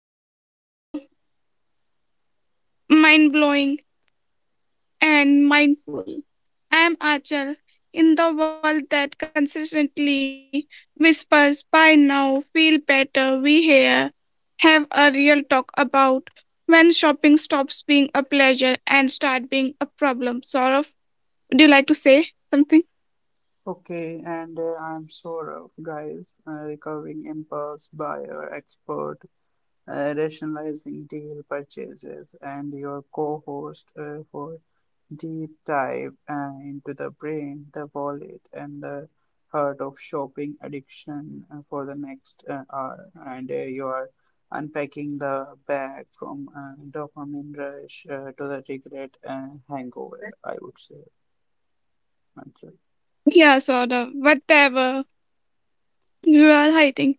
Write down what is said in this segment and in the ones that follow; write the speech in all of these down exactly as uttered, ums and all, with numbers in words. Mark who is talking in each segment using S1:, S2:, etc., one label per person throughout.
S1: welcome to Mind Blowing and Mindful. I am Achal. In the world that consistently whispers, by now, feel better, we here have a real talk about when shopping stops being a pleasure and start being a problem. Sort of. Would you like to say something?
S2: Okay, and uh, I'm sort of guys, a recovering impulse buyer expert, uh, rationalizing deal purchases, and your co-host uh, for deep dive uh, into the brain, the wallet, and the heart of shopping addiction uh, for the next uh, hour. And uh, you are unpacking the bag from uh, dopamine rush uh, to the regret uh, hangover, I would say. Manchal.
S1: Yeah, sort of. Whatever you are hiding.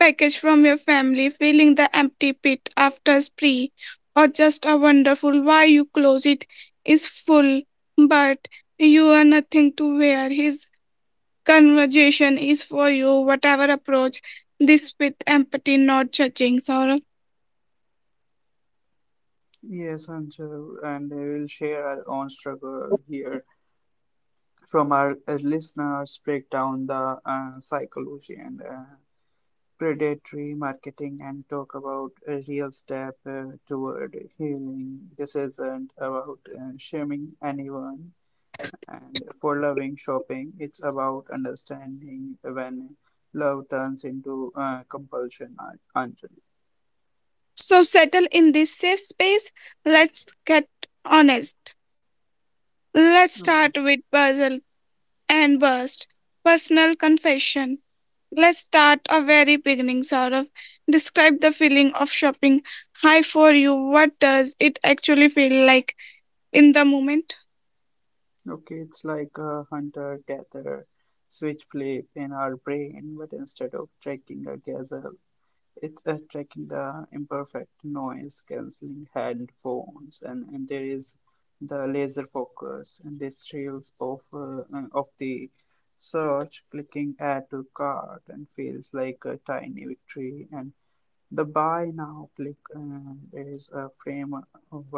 S1: Package from your family, filling the empty pit after a spree, or just a wonderful why you close it is full, but you are nothing to wear. His conversation is for you, whatever approach this with empathy, not judging, Saurabh.
S2: Yes, Anshul, and we will share our own struggle here from our uh, listeners, break down the uh, psychology and uh, predatory marketing, and talk about a real step uh, toward healing. This isn't about uh, shaming anyone and for loving shopping, it's about understanding when love turns into uh, compulsion, Anjali.
S1: So settle in this safe space. Let's get honest. Let's
S2: Okay.
S1: start with puzzle and burst. Personal confession. Let's start a very beginning, Saurav. Describe the feeling of shopping high for you. What does it actually feel like in the moment?
S2: Okay, it's like a hunter gatherer switch flip in our brain, but instead of tracking a gazelle, it's uh, tracking the imperfect noise cancelling headphones, and, and there is the laser focus and the trails of uh, uh, of the search clicking add to cart and feels like a tiny victory. And the Buy Now click uh, is a framework of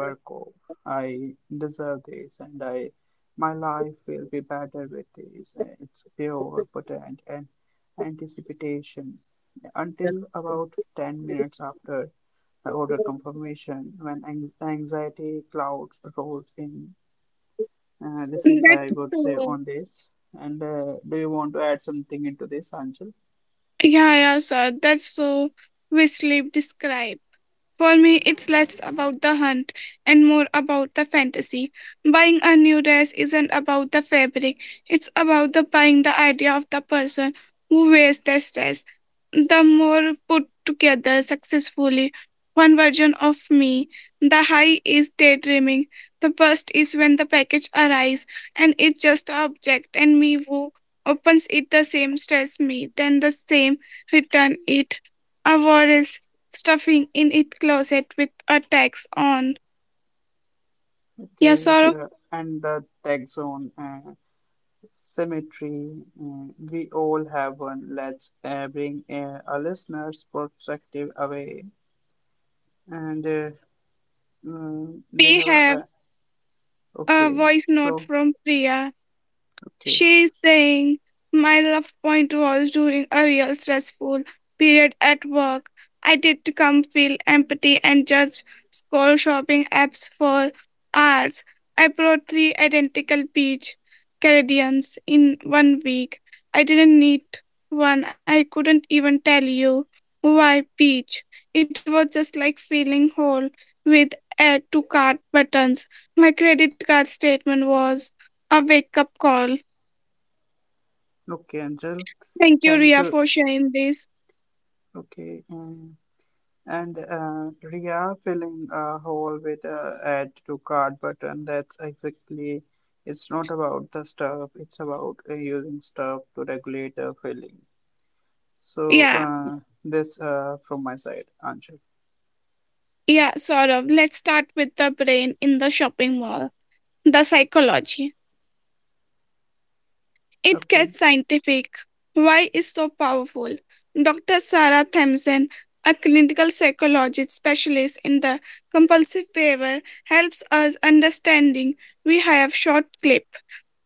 S2: I deserve this and I my life will be better with this. Uh, It's pure, potent, and anticipation. Until about ten minutes after order confirmation, when anxiety clouds rolls in. Uh, this is,
S1: That's
S2: I would say,
S1: so.
S2: on this. And uh, do you want to add something into this, Angel?
S1: Yeah, yeah, sir. That's so. We sleep. Describe. For me, it's less about the hunt and more about the fantasy. Buying a new dress isn't about the fabric. It's about the buying the idea of the person who wears this dress. The more put together successfully one version of me, the high is daydreaming, the bust is when the package arrives and it's just an object, and me who opens it the same stress me, then the same return it. A war is stuffing in it closet with a tax on. Yeah,
S2: Okay,
S1: sorrow.
S2: the, and the tag zone. Uh, symmetry. Mm, We all have one. Let's uh, bring uh, our listeners' perspective away. And uh, mm, we
S1: We
S2: have a,
S1: have
S2: a
S1: a
S2: okay.
S1: voice note
S2: So
S1: from Priya.
S2: okay,
S1: She's saying, My love point was during a real stressful period at work. I did come feel empathy and judge score shopping apps for hours. I bought three identical peach Canadians in one week. I didn't need one. I couldn't even tell you why peach. It was just like filling hole with add to cart buttons. My credit card statement was a wake up call.
S2: okay, Angel.
S1: Thank you,
S2: Thank
S1: Ria,
S2: you.
S1: for sharing this.
S2: Okay. mm. And uh, Ria filling a hole with a add to cart button. That's exactly. It's not about the stuff. It's about uh, using stuff to regulate the filling. So
S1: Yeah,
S2: uh, that's uh, from my side, Angel.
S1: yeah, sort of. Let's start with the brain in the shopping mall, the psychology. It
S2: Okay.
S1: gets scientific. Why is so powerful? Doctor Sarah Thompson, a clinical psychologist specialist in the compulsive behavior, helps us understanding. We have short clip.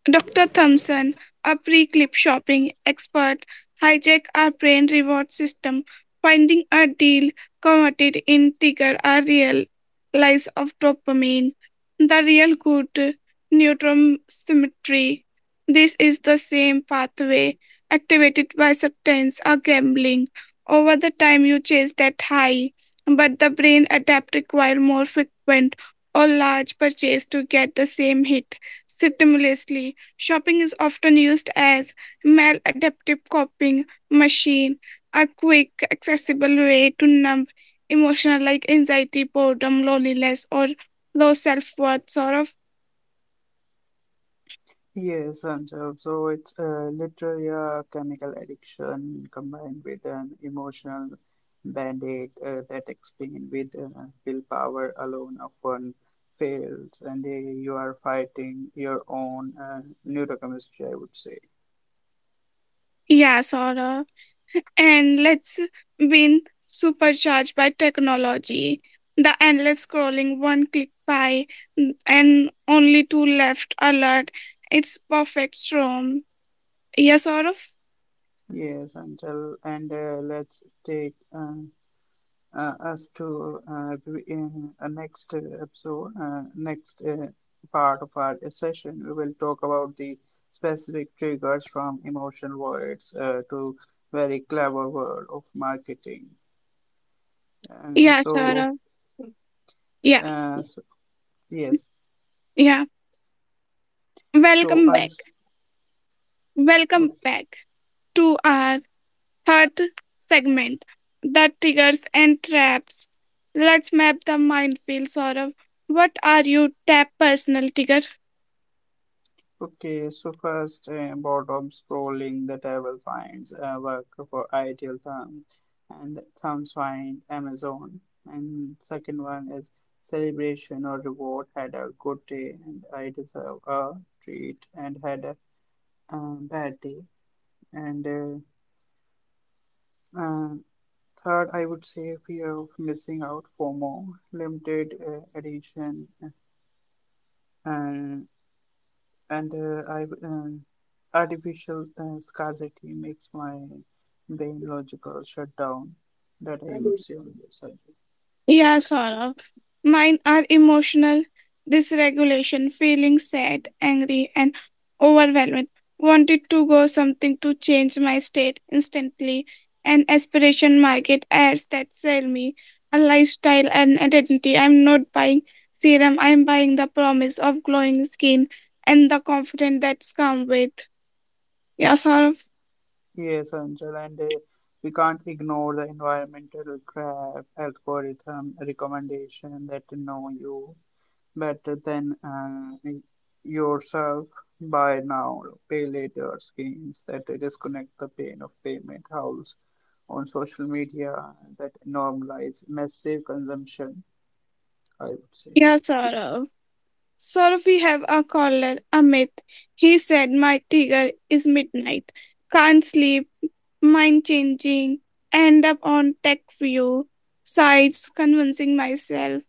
S1: Doctor Thompson, a pre clip shopping expert, hijacked our brain reward system, finding a deal converted in trigger a real lies of dopamine, the real good neurotransmitter. This is the same pathway activated by substance or gambling. Over the time you chase that high, but the brain adapt require more frequent or large purchase to get the same hit. Simultaneously, shopping is often used as maladaptive coping machine, a quick, accessible way to numb emotional like anxiety, boredom, loneliness, or low self-worth. Sort of.
S2: Yes, Anshul. So it's uh, literally a chemical addiction combined with an emotional band-aid uh, that explain with uh, willpower alone often fails, and uh, you are fighting your own uh, neurochemistry, I would say.
S1: Yeah sort of And let's been supercharged by technology, the endless scrolling, one click by, and only two left alert. It's perfect storm. yeah sort of
S2: Yes, Anshul. And uh, let's take uh, uh, us to uh, in uh, next uh, episode, uh, next uh, part of our session, we will talk about the specific triggers from emotional words uh, to very clever world of marketing. Uh,
S1: yeah sort
S2: so,
S1: of yeah
S2: uh, so, yes,
S1: yeah Welcome back.
S2: so I
S1: Welcome back
S2: Okay.
S1: to our third segment, the triggers and traps. Let's map the minefield, Saurav. What are your tap personal trigger?
S2: Okay, so first, uh, bottom scrolling, the table finds a work for ideal thumb, and the thumbs find Amazon. And second one is celebration or reward. Had a good day, and I deserve a treat, and had a um, bad day. And uh, uh, Third, I would say fear of missing out, FOMO, limited uh, edition, uh, and uh, I, um, artificial uh, scarcity makes my brain logical shutdown that I would say on this subject.
S1: Yeah, Saurabh. Mine are emotional dysregulation, feeling sad, angry, and overwhelmed. Wanted to go something to change my state instantly. An aspiration market ads that sell me a lifestyle and identity. I'm not buying serum, I'm buying the promise of glowing skin and the confidence that's come with. Yeah, Saurabh.
S2: Yes, Angel, and uh, we can't ignore the environmental graph algorithm recommendation that know you better than uh, yourself by now. Pay later schemes that disconnect the pain of payment howls on social media that normalize massive consumption I would say.
S1: Yeah, Saurabh. Sir, we have a caller, Amit. He said, My tiger is midnight. Can't sleep, mind changing, end up on tech view, sites, convincing myself,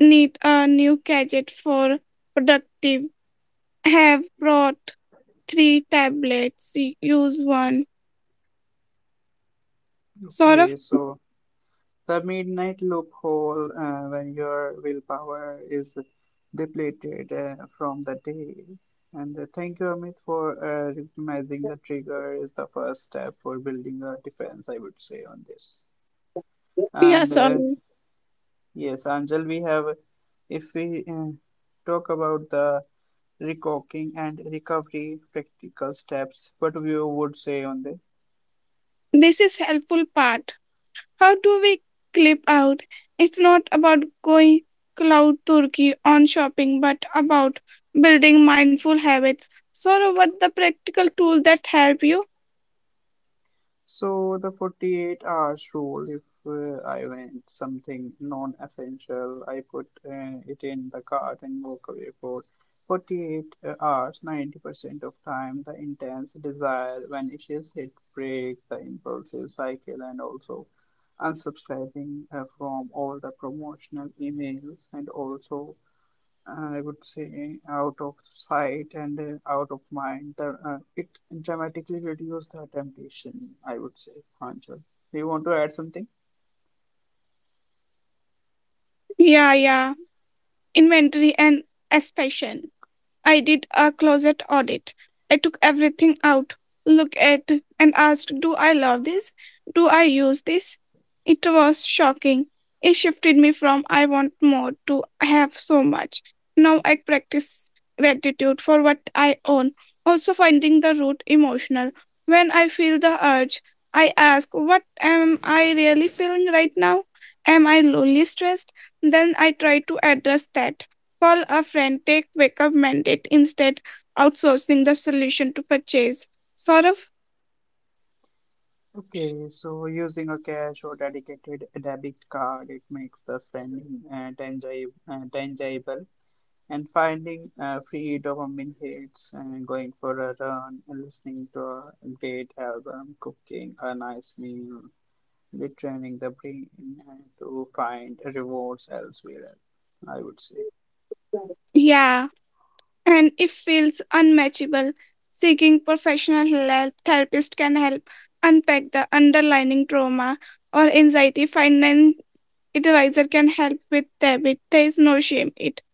S1: need a new gadget for productive. Have brought three tablets, use one. Sort of,
S2: Okay, so the midnight loophole uh, when your willpower is depleted uh, from the day. And uh, thank you, Amit, for uh, recognizing the trigger is the first step for building a defense, I would say, on this.
S1: yeah,
S2: And uh,
S1: sorry.
S2: yes, Anjal, we have, if we uh, talk about the recocking and recovery practical steps, what you would say on this?
S1: This is helpful part. How do we clip out? It's not about going cloud turkey on shopping, but about building mindful habits. So, what the practical tool that help you?
S2: So the forty-eight hours rule, if uh, I went something non-essential, I put uh, it in the cart and walk away for forty-eight uh, hours, ninety percent of time, the intense desire vanishes, it breaks the impulsive cycle and also unsubscribing uh, from all the promotional emails and also I would say out of sight and uh, out of mind. The, uh, it dramatically reduces the temptation, I would say, Pranjal. Do you want to add something?
S1: Yeah, yeah. Inventory and expansion. I did a closet audit. I took everything out, looked at, and asked, "Do I love this? Do I use this? It was shocking. It shifted me from I want more to I have so much. Now I practice gratitude for what I own, also finding the root emotional. When I feel the urge, I ask, What am I really feeling right now? Am I lonely, stressed? Then I try to address that. Call a friend, take wake up mandate instead, outsourcing the solution to purchase. Sort of,
S2: Okay, so using a cash or dedicated debit card, it makes the spending uh, tangible, uh, tangible and finding uh, free dopamine hits and going for a run and listening to a great album, cooking a nice meal, be training the brain to find rewards elsewhere, I would say.
S1: yeah. And if feels unmatchable. Seeking professional help, therapist can help unpack the underlying trauma or anxiety. Finance advisor can help with debit. There is no shame it.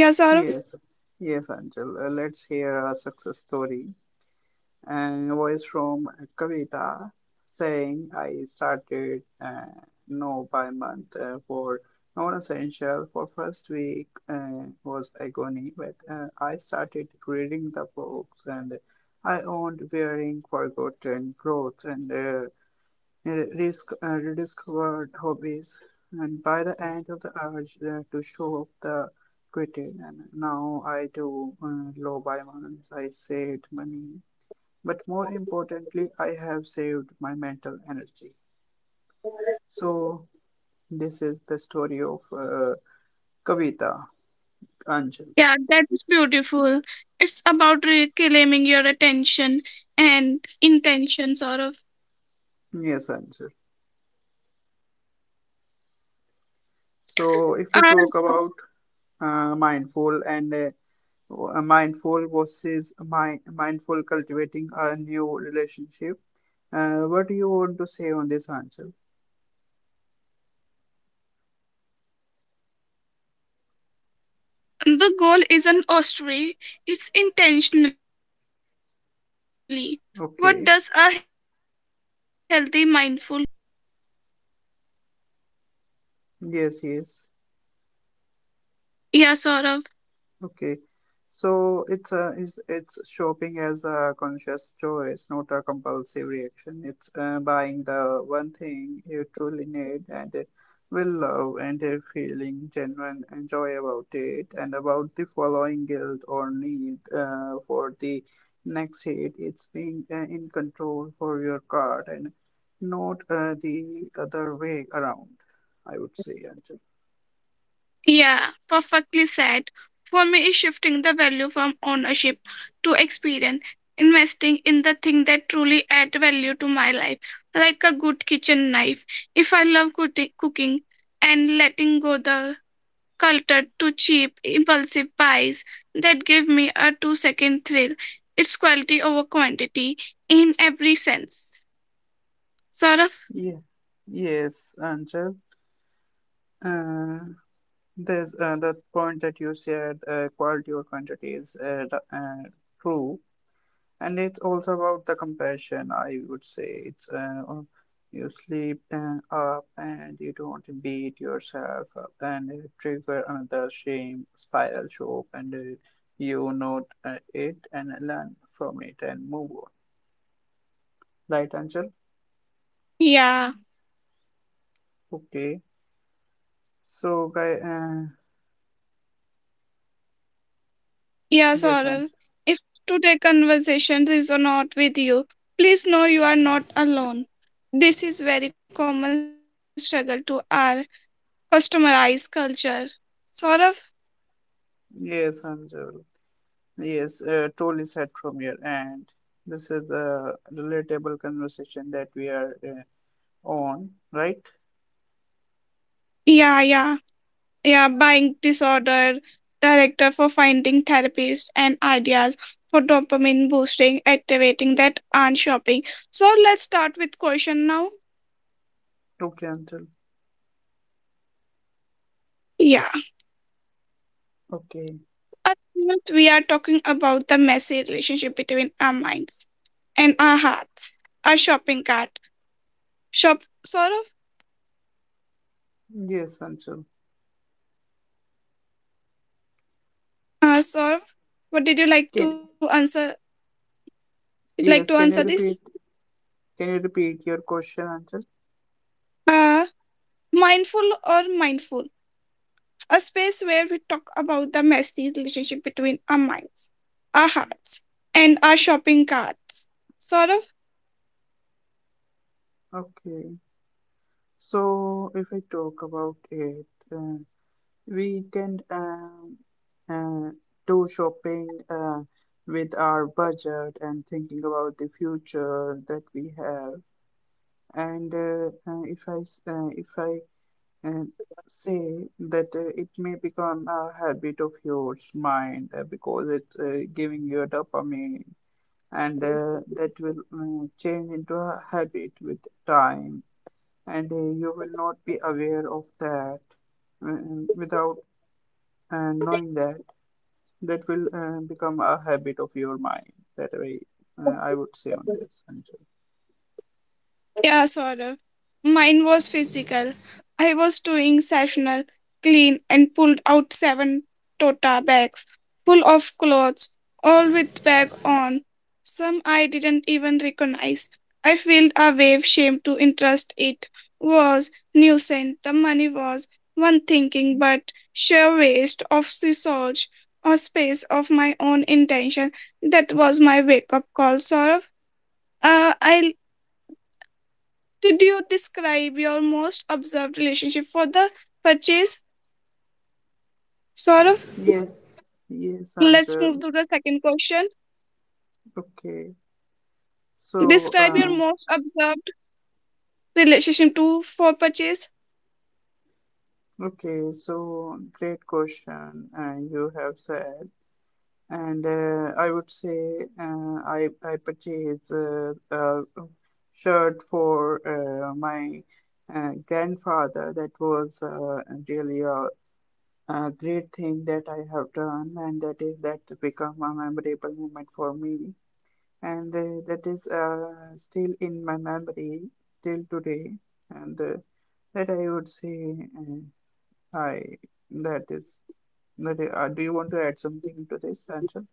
S1: Yeah, Saurav?
S2: Yes, yes, Anjal. Uh, Let's hear a success story. And voice from Kavita saying, I started uh, no by month uh, for non essential. For first week uh, was agony, but uh, I started reading the books and I owned wearing forgotten clothes and uh, risk, uh, rediscovered hobbies, and by the end of the urge uh, to show up the quitted. And now I do uh, low by months. I saved money, but more importantly, I have saved my mental energy. So this is the story of uh, Kavita Anjal.
S1: Yeah, that's beautiful. It's about reclaiming your attention and intention, Saurav.
S2: Yes, Anjal. So if we
S1: And
S2: talk about uh, mindful and uh, a mindful versus mind, mindful cultivating a new relationship. Uh, what do you want to say on this answer?
S1: the goal isn't austerity; it's intentionally. What does a healthy, mindful relationship with shopping looks
S2: Okay,
S1: like to you, Saurav?
S2: yes, yes.
S1: Yeah, sort of.
S2: Okay, so it's a it's, it's shopping as a conscious choice, not a compulsive reaction. It's uh, buying the one thing you truly need and uh, will love, and uh, feeling genuine and joy about it, and about the following guilt or need uh, for the next hit. It's being uh, in control for your card and not uh, the other way around. I would say, Anjal.
S1: Yeah, perfectly said. For me, is shifting the value from ownership to experience, investing in the thing that truly add value to my life, like a good kitchen knife. If I love cooki- cooking and letting go the culture to cheap, impulsive buys that give me a two-second thrill, it's quality over quantity in every sense. Sort of.
S2: Yeah. Yes, Anjal. Uh, There's uh, the point that you said uh, quality or quantity is uh, the- uh, true, and it's also about the compassion. I would say it's uh, or you sleep uh, up and you don't beat yourself up and uh, trigger another shame spiral show up and uh, you note uh, it and learn from it and move on. Right, Angel?
S1: Yeah.
S2: Okay. So, guy, uh,
S1: Yeah,
S2: yes, Angel.
S1: Saurabh. If today conversation resonate with you, please know you are not alone. This is very common struggle to our customized culture. Saurabh?
S2: Yes, Angel. Yes, uh, totally said from here, and this is a relatable conversation that we are uh, on, right?
S1: Yeah, yeah. Yeah, buying disorder, director for finding therapists and ideas for dopamine boosting, activating that and shopping. So let's start with question now.
S2: True, Anshul.
S1: Yeah.
S2: Okay.
S1: At first, we are talking about the messy relationship between our minds in our hearts. Our shopping cart. Shop Saurav?
S2: Yes, Anshul.
S1: Uh Saurav, what did you like to
S2: Can
S1: answer you'd like to answer
S2: yes, can you
S1: this?
S2: repeat? Can you repeat your question, Anshul?
S1: Uh mindful or mindful? A space where we talk about the messy relationship between our minds, our hearts, and our shopping carts. Saurav?
S2: Okay. So if I talk about it, uh, we can um, uh, do shopping uh, with our budget and thinking about the future that we have. And uh, uh, if I s- uh, If I uh, say that uh, it may become a habit of yours mind uh, because it's uh, giving you dopamine and uh, that will uh, change into a habit with time and uh, you will not be aware of that uh, without uh, knowing that that will uh, become a habit of your mind that way uh, I would say on this Anjal.
S1: Yeah, Saurabh. Mine was physical. I was doing sessional clean and pulled out seven tota bags full of clothes, all with bag on. Some I didn't even recognize. I felt a wave shame to interest it was nuisance. The money was one thinking but sheer waste of resource or space of my own intention. That was my wake up call, Saurabh. Uh, I did you describe your most observed relationship for the purchase? Sort of.
S2: Yes, yes,
S1: Let's move
S2: Anjal.
S1: to the second question.
S2: Okay. So,
S1: Describe your
S2: uh,
S1: most observed relationship to for purchase.
S2: okay, so great question uh, you have said, and uh, I would say uh, I I purchased a, a shirt for uh, my uh, grandfather. That was uh, really a, a great thing that I have done, and that is that become a memorable moment for me, and uh, that is uh, still in my memory till today, and uh, that I would say. Uh, Hi, that is. That is uh, do you want to add something to this, Anshul?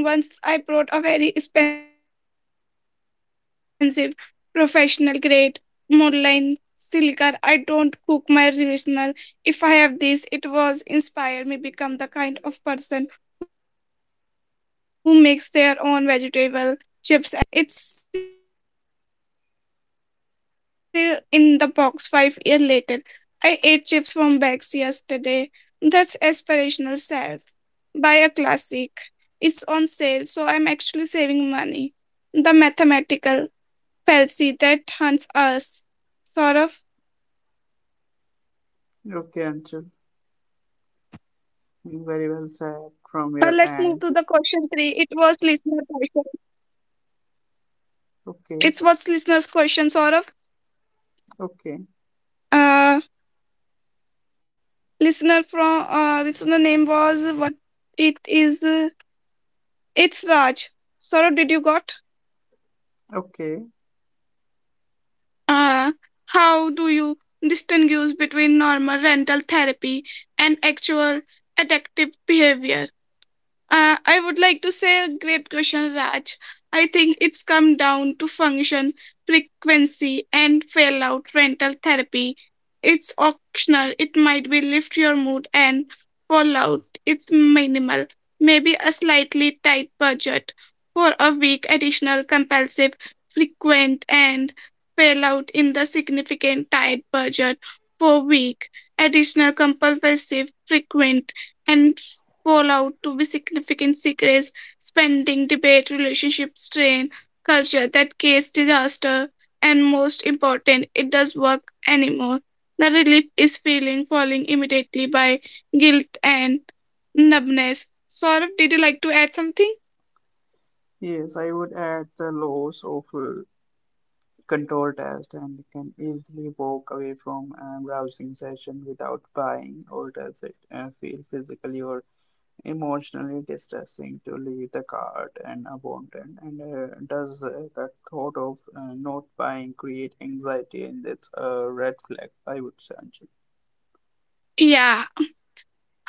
S1: Yeah, yeah, sort of. It's embarrassing. Once I brought a very expensive, professional grade, moonline silica. I don't cook my original. If I have this, it was inspired me become the kind of person who makes their own vegetable chips at home. It's an investment. It's future healthier self. It's still in the box five year later. I ate chips from bags yesterday. That's aspirational self. Buy a classic it's on sale, so I'm actually saving money. The mathematical fallacy that hunts us. Sort of.
S2: Okay, Anshul. Very well said from your
S1: Uh, let's
S2: end.
S1: move to the question three. It was listener question.
S2: Okay,
S1: It's what's listener's question, sort of.
S2: okay,
S1: Uh, listener from uh, listener name was what it is. Uh, it's Raj. Sort of. Did you got?
S2: okay.
S1: Uh, how do you distinguish between normal rental therapy and actual addictive behavior? Uh, I would like to say a great question, Raj. I think it's come down to function, frequency, and fail out rental therapy. It's optional. It might be lift your mood and fallout. It's minimal. Maybe a slightly tight budget for a week additional compulsive frequent and fallout in the significant tight budget for week additional compulsive frequent and fallout to be significant secrets spending debate relationship strain culture that case disaster and most important it does work anymore the relief is feeling falling immediately by guilt and numbness. Saurav, did you like to add something?
S2: Yes, I would add the loss of uh, control test and you can easily walk away from a browsing session without buying or does it uh, feel physically or emotionally distressing to leave the cart and abandoned and uh, does uh, the thought of uh, not buying create anxiety and it's a red flag I would say Anjali.
S1: Yeah.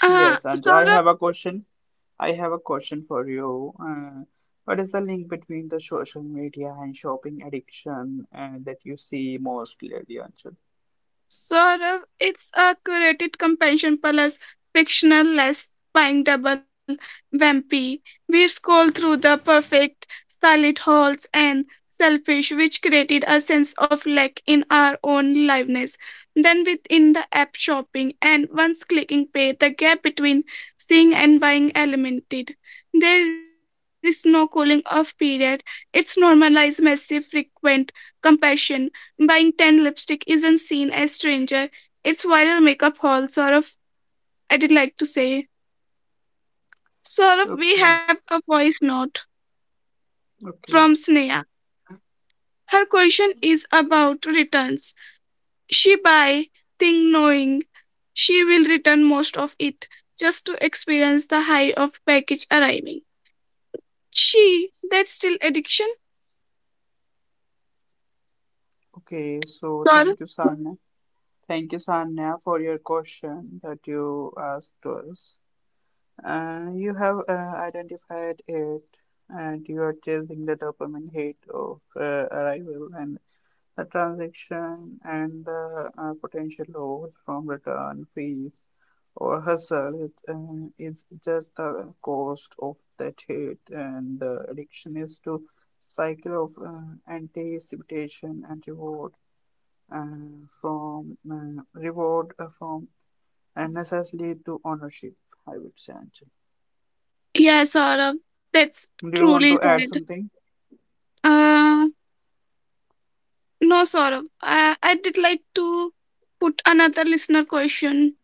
S1: Uh,
S2: Yes Anjali, I
S1: Saurav,
S2: have a question I have a question for you uh, what is the link between the social media and shopping addiction uh, that you see most clearly Anjali?
S1: Saurav, it's a curated companion plus fictional less buying double vampy. We scroll through the perfect silent halls and selfish, which created a sense of lack in our own liveness. Then within the app shopping and once clicking pay, the gap between seeing and buying eliminated. There is no cooling off period. It's normalized massive frequent compassion buying ten lipstick isn't seen as strange it's viral makeup haul, Saurav. I did like to say. Saurav, we
S2: Okay
S1: have a voice note
S2: okay
S1: from Sneha. Her question is about returns. She buy thing knowing she will return most of it just to experience the high of package arriving. She, that's still addiction?
S2: okay so
S1: Saurav?
S2: thank you Sana. Thank you, Sanya, for your question that you asked us. Uh, you have uh, identified it, and you are chasing the dopamine hit of uh, arrival and the transaction and the uh, potential loss from return fees or hustle. It, uh, it's just the cost of that hit, and the addiction is to cycle of uh, anticipation and reward uh, from uh, reward uh, from unnecessarily to ownership. I would say, Anjali.
S1: Yeah, Saurav. That's
S2: Do you want to
S1: truly
S2: add
S1: sad.
S2: something?
S1: Uh, no, Saurav. I, I did like to put another listener question.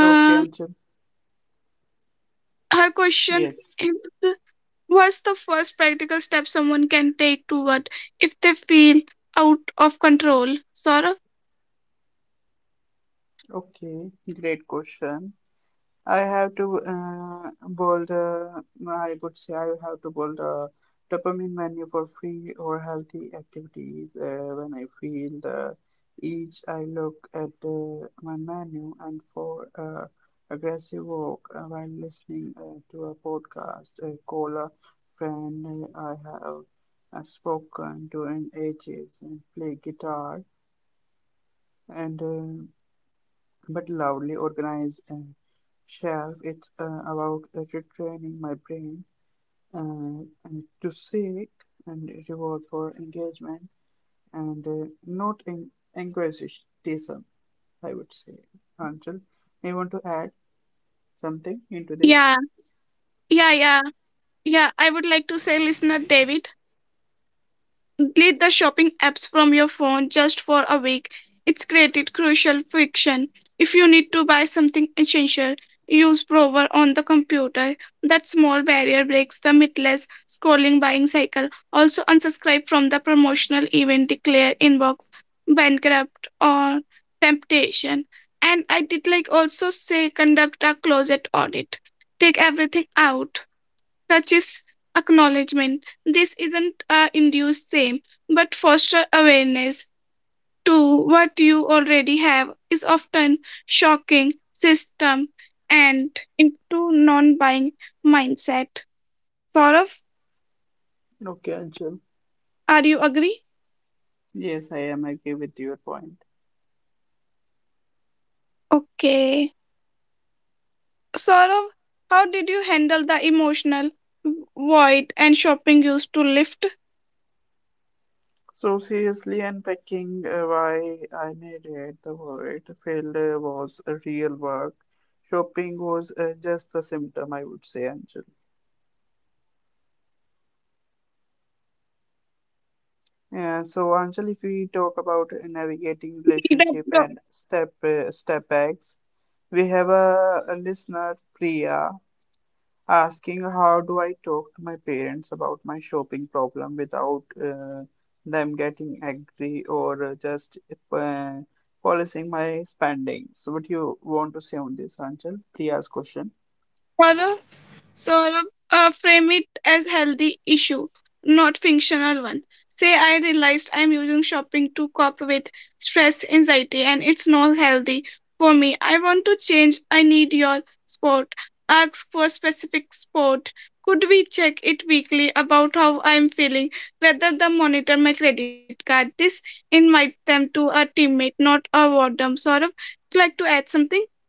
S2: Okay, Anchal.
S1: her question
S2: Yes.
S1: is what's the first practical step someone can take toward if they feel out of control. Sort of.
S2: Okay, great question. I have to uh, bold. Uh, I would say I have to bold the dopamine menu for free or healthy activities. Uh, when I feel the each, I look at uh, my menu and for uh, aggressive walk uh, while listening uh, to a podcast. Uh, call a friend uh, I have uh, spoken to in ages and play guitar and. Uh, but loudly organized and shelf. It's uh, about uh, retraining my brain uh, and to seek and reward for engagement and uh, not in anglicism, I would say. Anchal, you want to
S1: yeah
S2: add
S1: yeah
S2: something
S1: yeah
S2: into this?
S1: yeah I would like to say listener David, delete the shopping apps from your phone just for a week. It's created crucial friction. If you need to buy something essential, use Prover on the computer. That small barrier breaks the mythless scrolling buying cycle. Also unsubscribe from the promotional event declare inbox, bankrupt or temptation. And I did like also say conduct a closet audit. Take everything out touches acknowledgement. This isn't a induced same, but foster awareness to what you already have is often shocking system and into non-buying mindset. Saurav,
S2: Okay, Anshul.
S1: are you agree?
S2: Yes, I am agree with your point.
S1: Okay. Saurav, how did you handle the emotional void and shopping used to lift?
S2: So seriously unpacking uh, why I made it the word field uh, was a real work. Shopping was uh, just a symptom, I would say, Anjali.
S1: Uh, okay.
S2: Yeah, so Anjali, if
S1: Read
S2: we talk
S1: up,
S2: about navigating relationship and step uh, step backs, we have a, a listener, Priya, asking how do I talk to my parents about my shopping problem without uh, them getting angry or uh, just uh, policing my spending. So, what you want to say on this, Anchal? Priya's question.
S1: Saurav. Saurabh, uh, frame it as healthy issue, not functional one. Say I realized I'm using shopping to cope with stress, anxiety, and it's not healthy for me. I want to change. I need your sport. Ask for specific sport. Could we check it weekly about how I'm feeling rather than monitor my credit card? This invites them to a teammate, not a boredom. Saurabh, would you like to add something?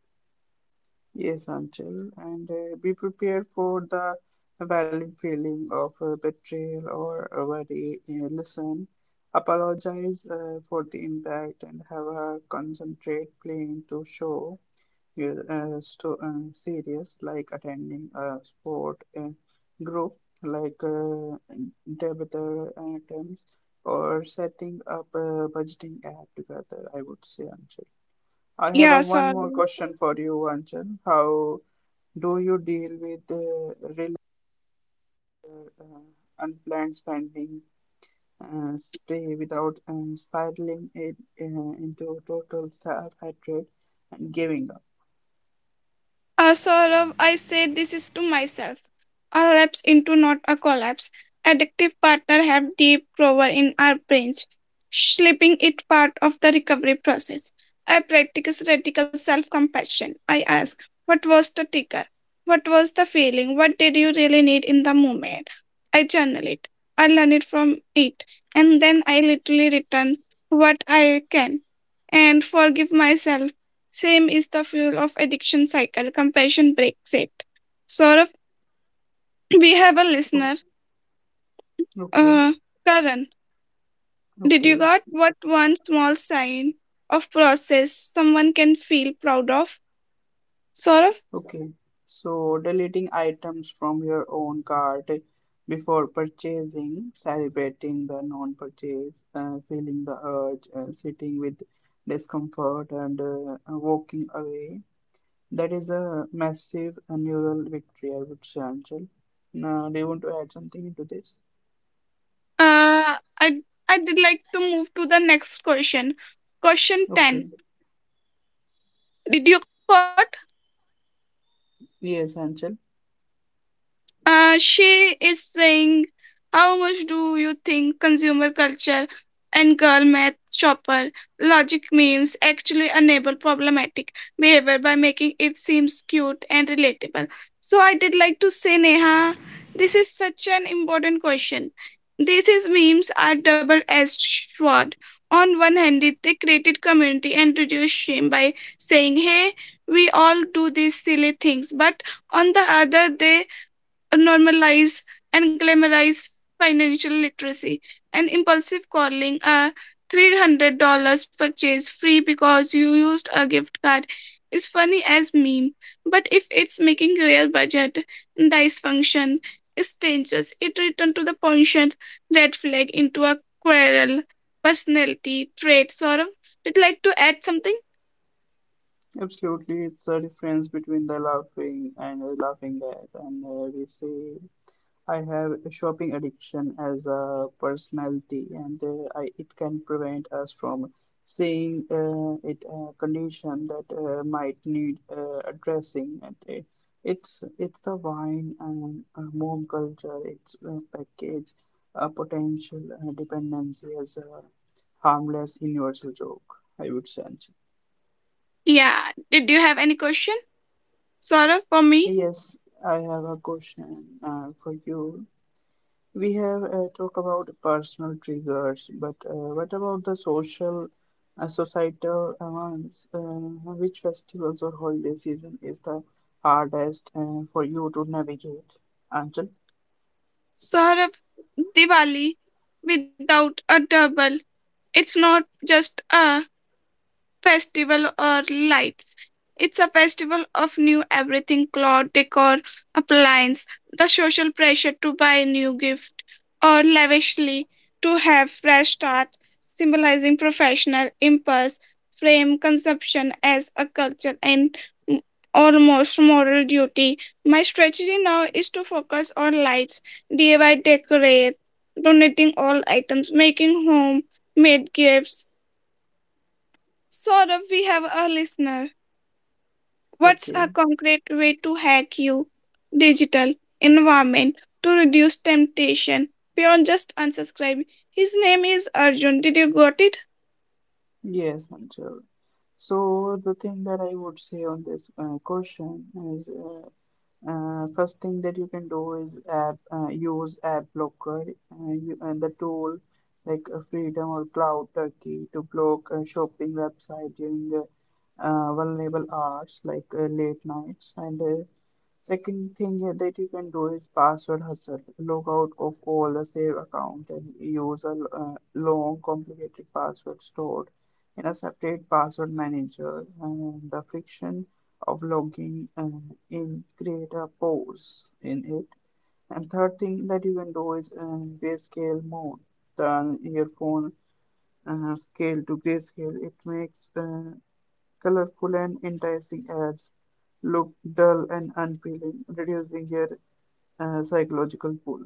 S2: Yes, Anchal, and uh, be prepared for the valid feeling of uh, betrayal or worry. Uh, listen, apologize uh, for the impact and have a concentrate plan to show you- uh, sto- uh, series like attending a sport uh, group like uh, debater items or setting up a budgeting app together, I would say, Anchal. I have
S1: Yeah,
S2: a one more
S1: sorry.
S2: question for you, Anchal. How do you deal with uh, real uh, unplanned spending uh, spree without um, spiraling it uh, into total self-hatred and giving up?
S1: A Saurav, I say this is to myself. A lapse into not a collapse. Addictive partner have deep grower in our brains. Sleeping it part of the recovery process. I practice radical self-compassion. I ask, what was the trigger? What was the feeling? What did you really need in the moment? I journal it. I learn it from it. And then I literally return what I can and forgive myself same is the fuel of addiction cycle. Compassion breaks it. Saurabh, we have a
S2: Oh,
S1: listener.
S2: okay,
S1: Uh, Karan, did you
S2: okay.
S1: got what one small sign of process someone can feel proud of? Saurabh,
S2: Okay, so deleting items from your own cart before purchasing, celebrating the non-purchase, uh, feeling the urge, uh, sitting with discomfort, and uh, uh, walking away. That is a massive uh, neural victory, I would say, Anshul. Now, do you want to add something into this?
S1: uh, I i did like to move to the next question. Question ten.
S2: Okay,
S1: Did you got
S2: yes, Anshul.
S1: Uh, she is saying, how much do you think consumer culture and girl math shopper logic memes actually enable problematic behavior by making it seems cute and relatable? So I did like to say, Neha, this is such an important question. These is memes are double-edged sword. On one hand, it- they created community and reduced shame by saying, "Hey, we all do these silly things," but on the other, they normalize and glamorize financial literacy and impulsive calling a three hundred dollars purchase free because you used a gift card is funny as meme, but if it's making real budget dysfunction is dangerous. It returns to the pension red flag into a quarrel personality trait sort of. Did you like to add something?
S2: Absolutely, it's a difference between the laughing and uh, laughing at, and uh, we say I have a shopping addiction as a personality, and uh, I, it can prevent us from seeing uh, it a condition that uh, might need uh, addressing. And uh, it's it's the wine and uh, mom culture. It's uh, package a potential uh, dependency as a harmless universal joke, I would say.
S1: Yeah, did you have any question sort for me?
S2: Yes, I have a question uh, for you. We have uh, talked about personal triggers, but uh, what about the social, uh, societal ones? Uh, which festivals or holiday season is the hardest uh, for you to navigate? Anchal?
S1: Saurabh, Diwali without a double. It's not just a festival or lights. It's a festival of new everything cloth, decor, appliance, the social pressure to buy new gift or lavishly to have fresh start, symbolizing professional impulse, frame consumption as a culture and m- almost moral duty. My strategy now is to focus on lights, D I Y decorate, donating all items, making home made gifts. Saurabh, we have a listener. What's a
S2: Okay.
S1: concrete way to hack your digital environment to reduce temptation beyond just unsubscribe? His name is Arjun. Did you got it?
S2: Yes, Anchal. So the thing that I would say on this uh, question is uh, Uh, first thing that you can do is app, uh, use ad blocker, uh, you, and the tool like uh, Freedom or Cloud Turkey to block uh, shopping website during uh, uh, vulnerable hours like uh, late nights and uh, second thing that you can do is password hustle. Log out of all the save account and use a uh, long, complicated password stored in a separate password manager. And the friction of logging uh, in create a pause in it. And third thing that you can do is uh, grayscale mode. Turn your phone uh, scale to grayscale. It makes uh, colorful and enticing ads look dull and unappealing, reducing your uh, psychological pull.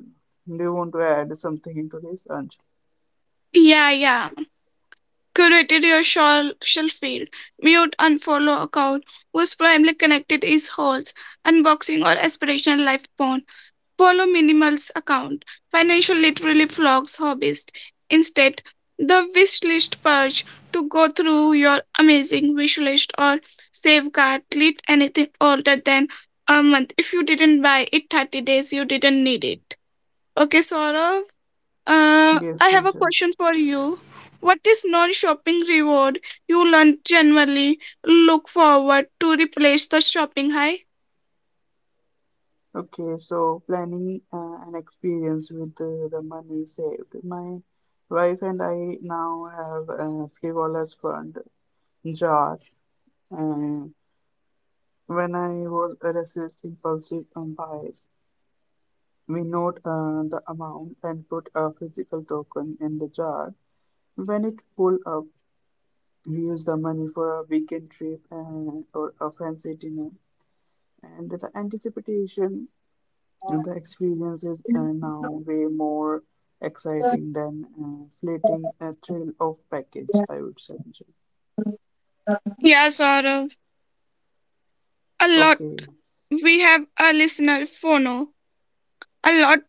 S2: Do you want to add something into this, Anj?
S1: Yeah, yeah. Curated your social feed. Mute unfollow account whose primarily connected is holes, unboxing or aspirational life porn. Follow minimal's account, financial literally flogs hobbyist. Instead, the wish list purge to go through your amazing wish list or safeguard delete anything older than a month. If you didn't buy it thirty days, you didn't need it. Okay, Saurav, uh,
S2: Yes,
S1: I have a
S2: Anshul.
S1: question for you. What is non-shopping reward you learn generally look forward to replace the shopping high?
S2: Okay, so planning uh, an experience with uh, the money saved. My wife and I now have a frivolous fund jar. And when I was resist impulsive um, buys, we note uh, the amount and put a physical token in the jar. When it pull up, we use the money for a weekend trip and, or a fancy dinner. And the anticipation and the experiences are now way more exciting than uh, fleeting a thrill of package, I would say, Anjal.
S1: Yeah, Saurav. A lot.
S2: Okay,
S1: We have a listener, Phono. A lot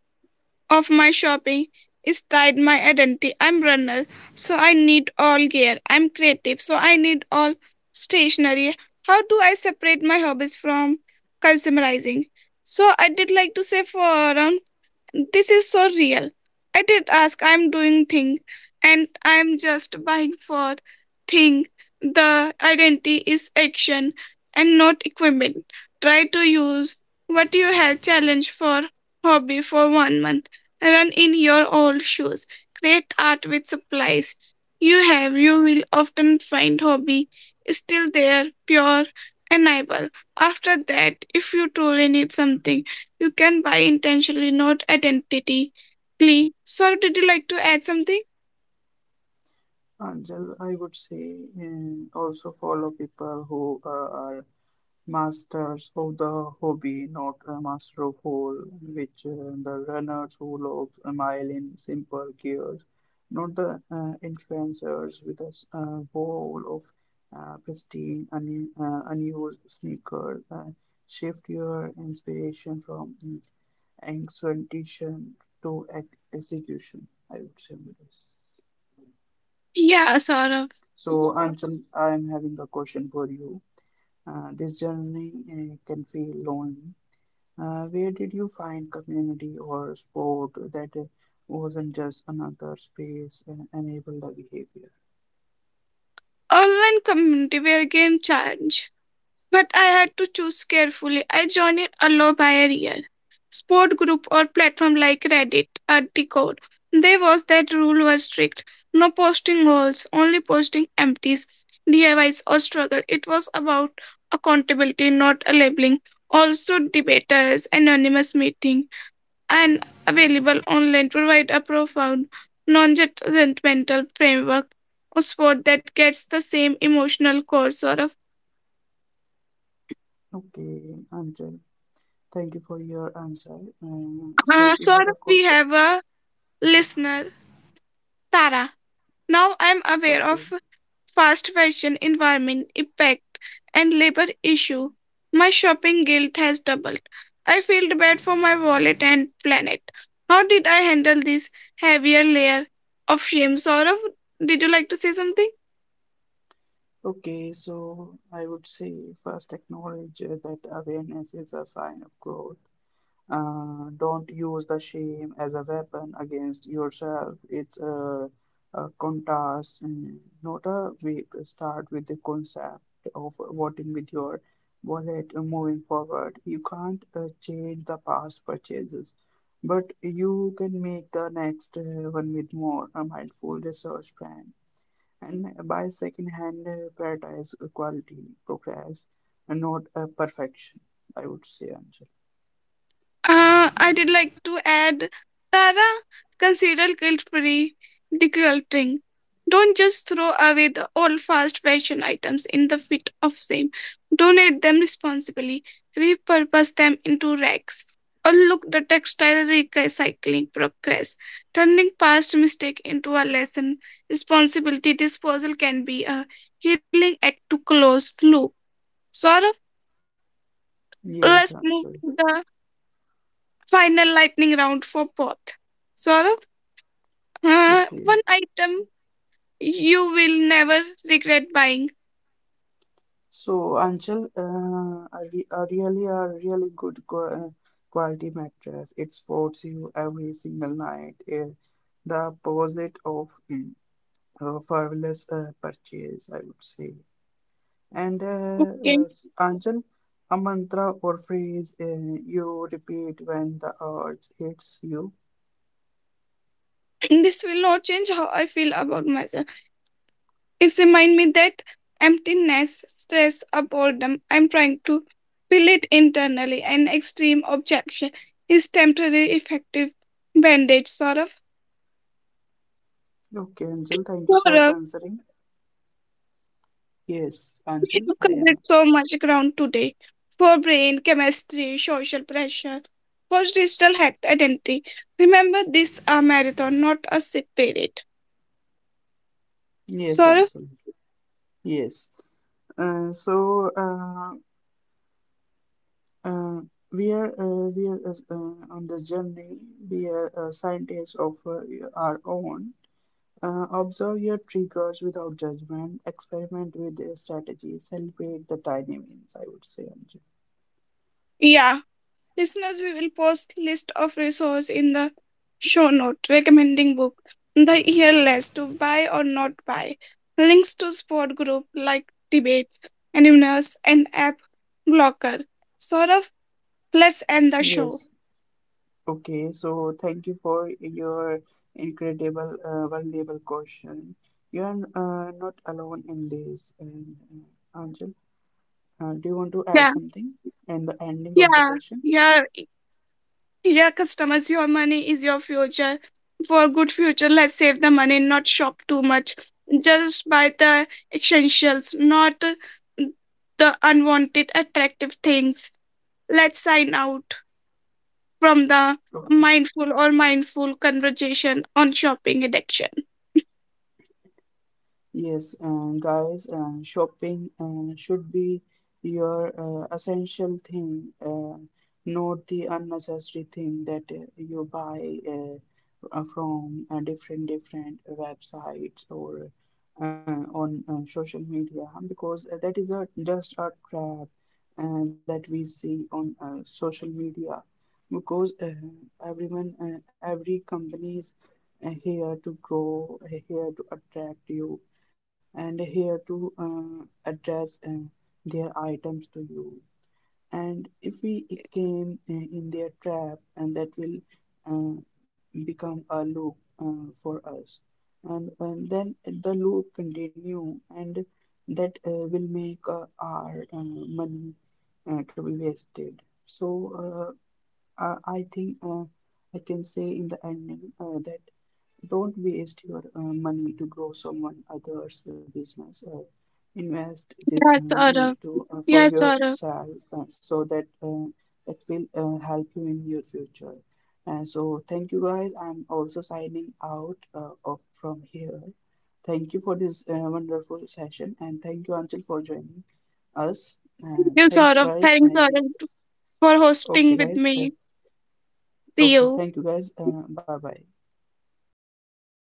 S1: of my shopping is tied my identity. I'm runner, so I need all gear. I'm creative, so I need all stationery. How do I separate my hobbies from consumerizing? So I did like to say for this is so real. I did ask, I'm doing thing and I'm just buying for thing. The identity is action and not equipment. Try to use what you have challenge for hobby for one month. Run in your old shoes. Create art with supplies you have. You will often find hobby is still there, pure and able. After that, if you truly need something, you can buy intentionally, not identically. Saurav, did you like to add something?
S2: Anjal, I would say uh, also follow people who uh, are masters of the hobby, not a master of all, which uh, the runners who lobs a mile in simple gears, not the uh, influencers with a uh, wall of uh, pristine, un uh, unused sneakers. Uh, shift your inspiration from mm, to ex execution, I would say. With this.
S1: Yeah, Saurav.
S2: So, Anchal, I'm having a question for you. Uh, this journey uh, can feel lonely. Uh, where did you find community or sport that uh, wasn't just another space and enable the behavior?
S1: Online community where game charge. But I had to choose carefully. I joined it alone by a year. Sport group or platform like Reddit or Discord. There was that rule were strict. No posting goals, only posting empties, D I Ys or struggle. It was about accountability, not a labeling. Also debaters, anonymous meeting and available online provide a profound non-judgmental framework or sport that gets the same emotional core sort of.
S2: Okay, Anjal, thank you for your answer. Um, so
S1: uh,
S2: we
S1: sort
S2: have a
S1: of
S2: co
S1: we have a listener Tara. Now I'm aware
S2: okay,
S1: of fast fashion environment impact and labor issue. My shopping guilt has doubled. I feel bad for my wallet and planet. How did I handle this heavier layer of shame sort of? Did you like to say something?
S2: okay. So I would say first acknowledge uh, that awareness is a sign of growth. Uh, don't use the shame as a weapon against yourself. It's a, a contest, mm, not a week. Start with the concept of voting with your wallet and moving forward. You can't uh, change the past purchases, but you can make the next uh, one with more a mindful research plan and buy second-hand, uh, prioritize quality, progress, and not uh, perfection. I would say, Anjali.
S1: Uh, I did like to add, Tara, consider guilt-free decluttering. Don't just throw away the old fast fashion items in the fit of shame. Donate them responsibly, repurpose them into racks, or look the textile recycling progress. Turning past mistake into a lesson, responsibility disposal can be a healing act to close the loop. Sort of,
S2: Yes,
S1: let's
S2: Anjali.
S1: move to the final lightning round for both. Saurabh, uh,
S2: Okay,
S1: one item you will never regret buying.
S2: so Anchal, uh, a, re a really a really good qua- uh, quality mattress. It supports you every single night. Eh, the opposite of mm, a frivolous uh, purchase, I would say. And uh,
S1: Okay.
S2: uh, s- Anchal, a mantra or phrase uh, you repeat when the urge hits you.
S1: This will not change how I feel about myself. It reminds me that emptiness, stress, or boredom, I'm trying to fill it internally. An extreme objection is temporary effective bandage, Saurabh.
S2: Okay, Anchal, thank you for
S1: Saurabh,
S2: answering. Yes,
S1: we
S2: Anchal,
S1: have
S2: I
S1: covered
S2: am.
S1: so much ground today for brain chemistry, social pressure, post digital hacked identity. Remember, this a marathon, not a sprint.
S2: Yes,
S1: Sorry?
S2: Anchal. Yes. Uh, so, uh, Uh, we are uh, we are uh, uh, on the journey. We are uh, scientists of uh, our own. Uh, observe your triggers without judgment. Experiment with their strategies. Celebrate the tiny wins. I would say, Anju.
S1: Yeah. Listeners, we will post list of resource in the show note recommending book, the year list to buy or not buy, links to sport group like debates, animals, and app blocker. Sort of, let's end the show.
S2: Yes. Okay. So thank you for your incredible, uh, valuable question. You are uh, not alone in this. And uh, Anjul, uh, do you want to add
S1: Yeah,
S2: something in the ending of the
S1: yeah,
S2: session?
S1: yeah. Dear customers, your money is your future. For good future, let's save the money, not shop too much. Just buy the essentials, not the unwanted attractive things. Let's sign out from the
S2: Okay.
S1: mindful or mindful conversation on shopping addiction.
S2: Yes, um, guys, um, shopping uh, should be your uh, essential thing, uh, not the unnecessary thing that uh, you buy uh, uh, from uh, different different websites or uh, on uh, social media because uh, that is a just a trap uh, that we see on uh, social media because uh, everyone, uh, every company is uh, here to grow, uh, here to attract you and here to uh, address uh, their items to you. And if we came uh, in their trap, and that will uh, become a loop uh, for us. And, and then the loop continue, and that uh, will make uh, our uh, money uh, to be wasted. So uh, I I think uh, I can say in the ending uh, that don't waste your uh, money to grow someone else's business. Uh, invest this uh,
S1: Yeah,
S2: money
S1: Saurabh.
S2: to uh, for
S1: Yeah, Saurabh.
S2: yourself uh, so that uh, that will uh, help you in your future. And so thank you guys. I'm also signing out uh, of, from here. Thank you for this uh, wonderful session and thank you Anchal for joining us.
S1: Thank
S2: Uh,
S1: you,
S2: thank you
S1: Saurabh.
S2: guys.
S1: Thanks,
S2: And
S1: Saurabh, for
S2: okay
S1: hosting with
S2: guys. Uh,
S1: me. See
S2: okay.
S1: you.
S2: Thank you guys. Uh, bye bye.
S1: Bye bye. Let's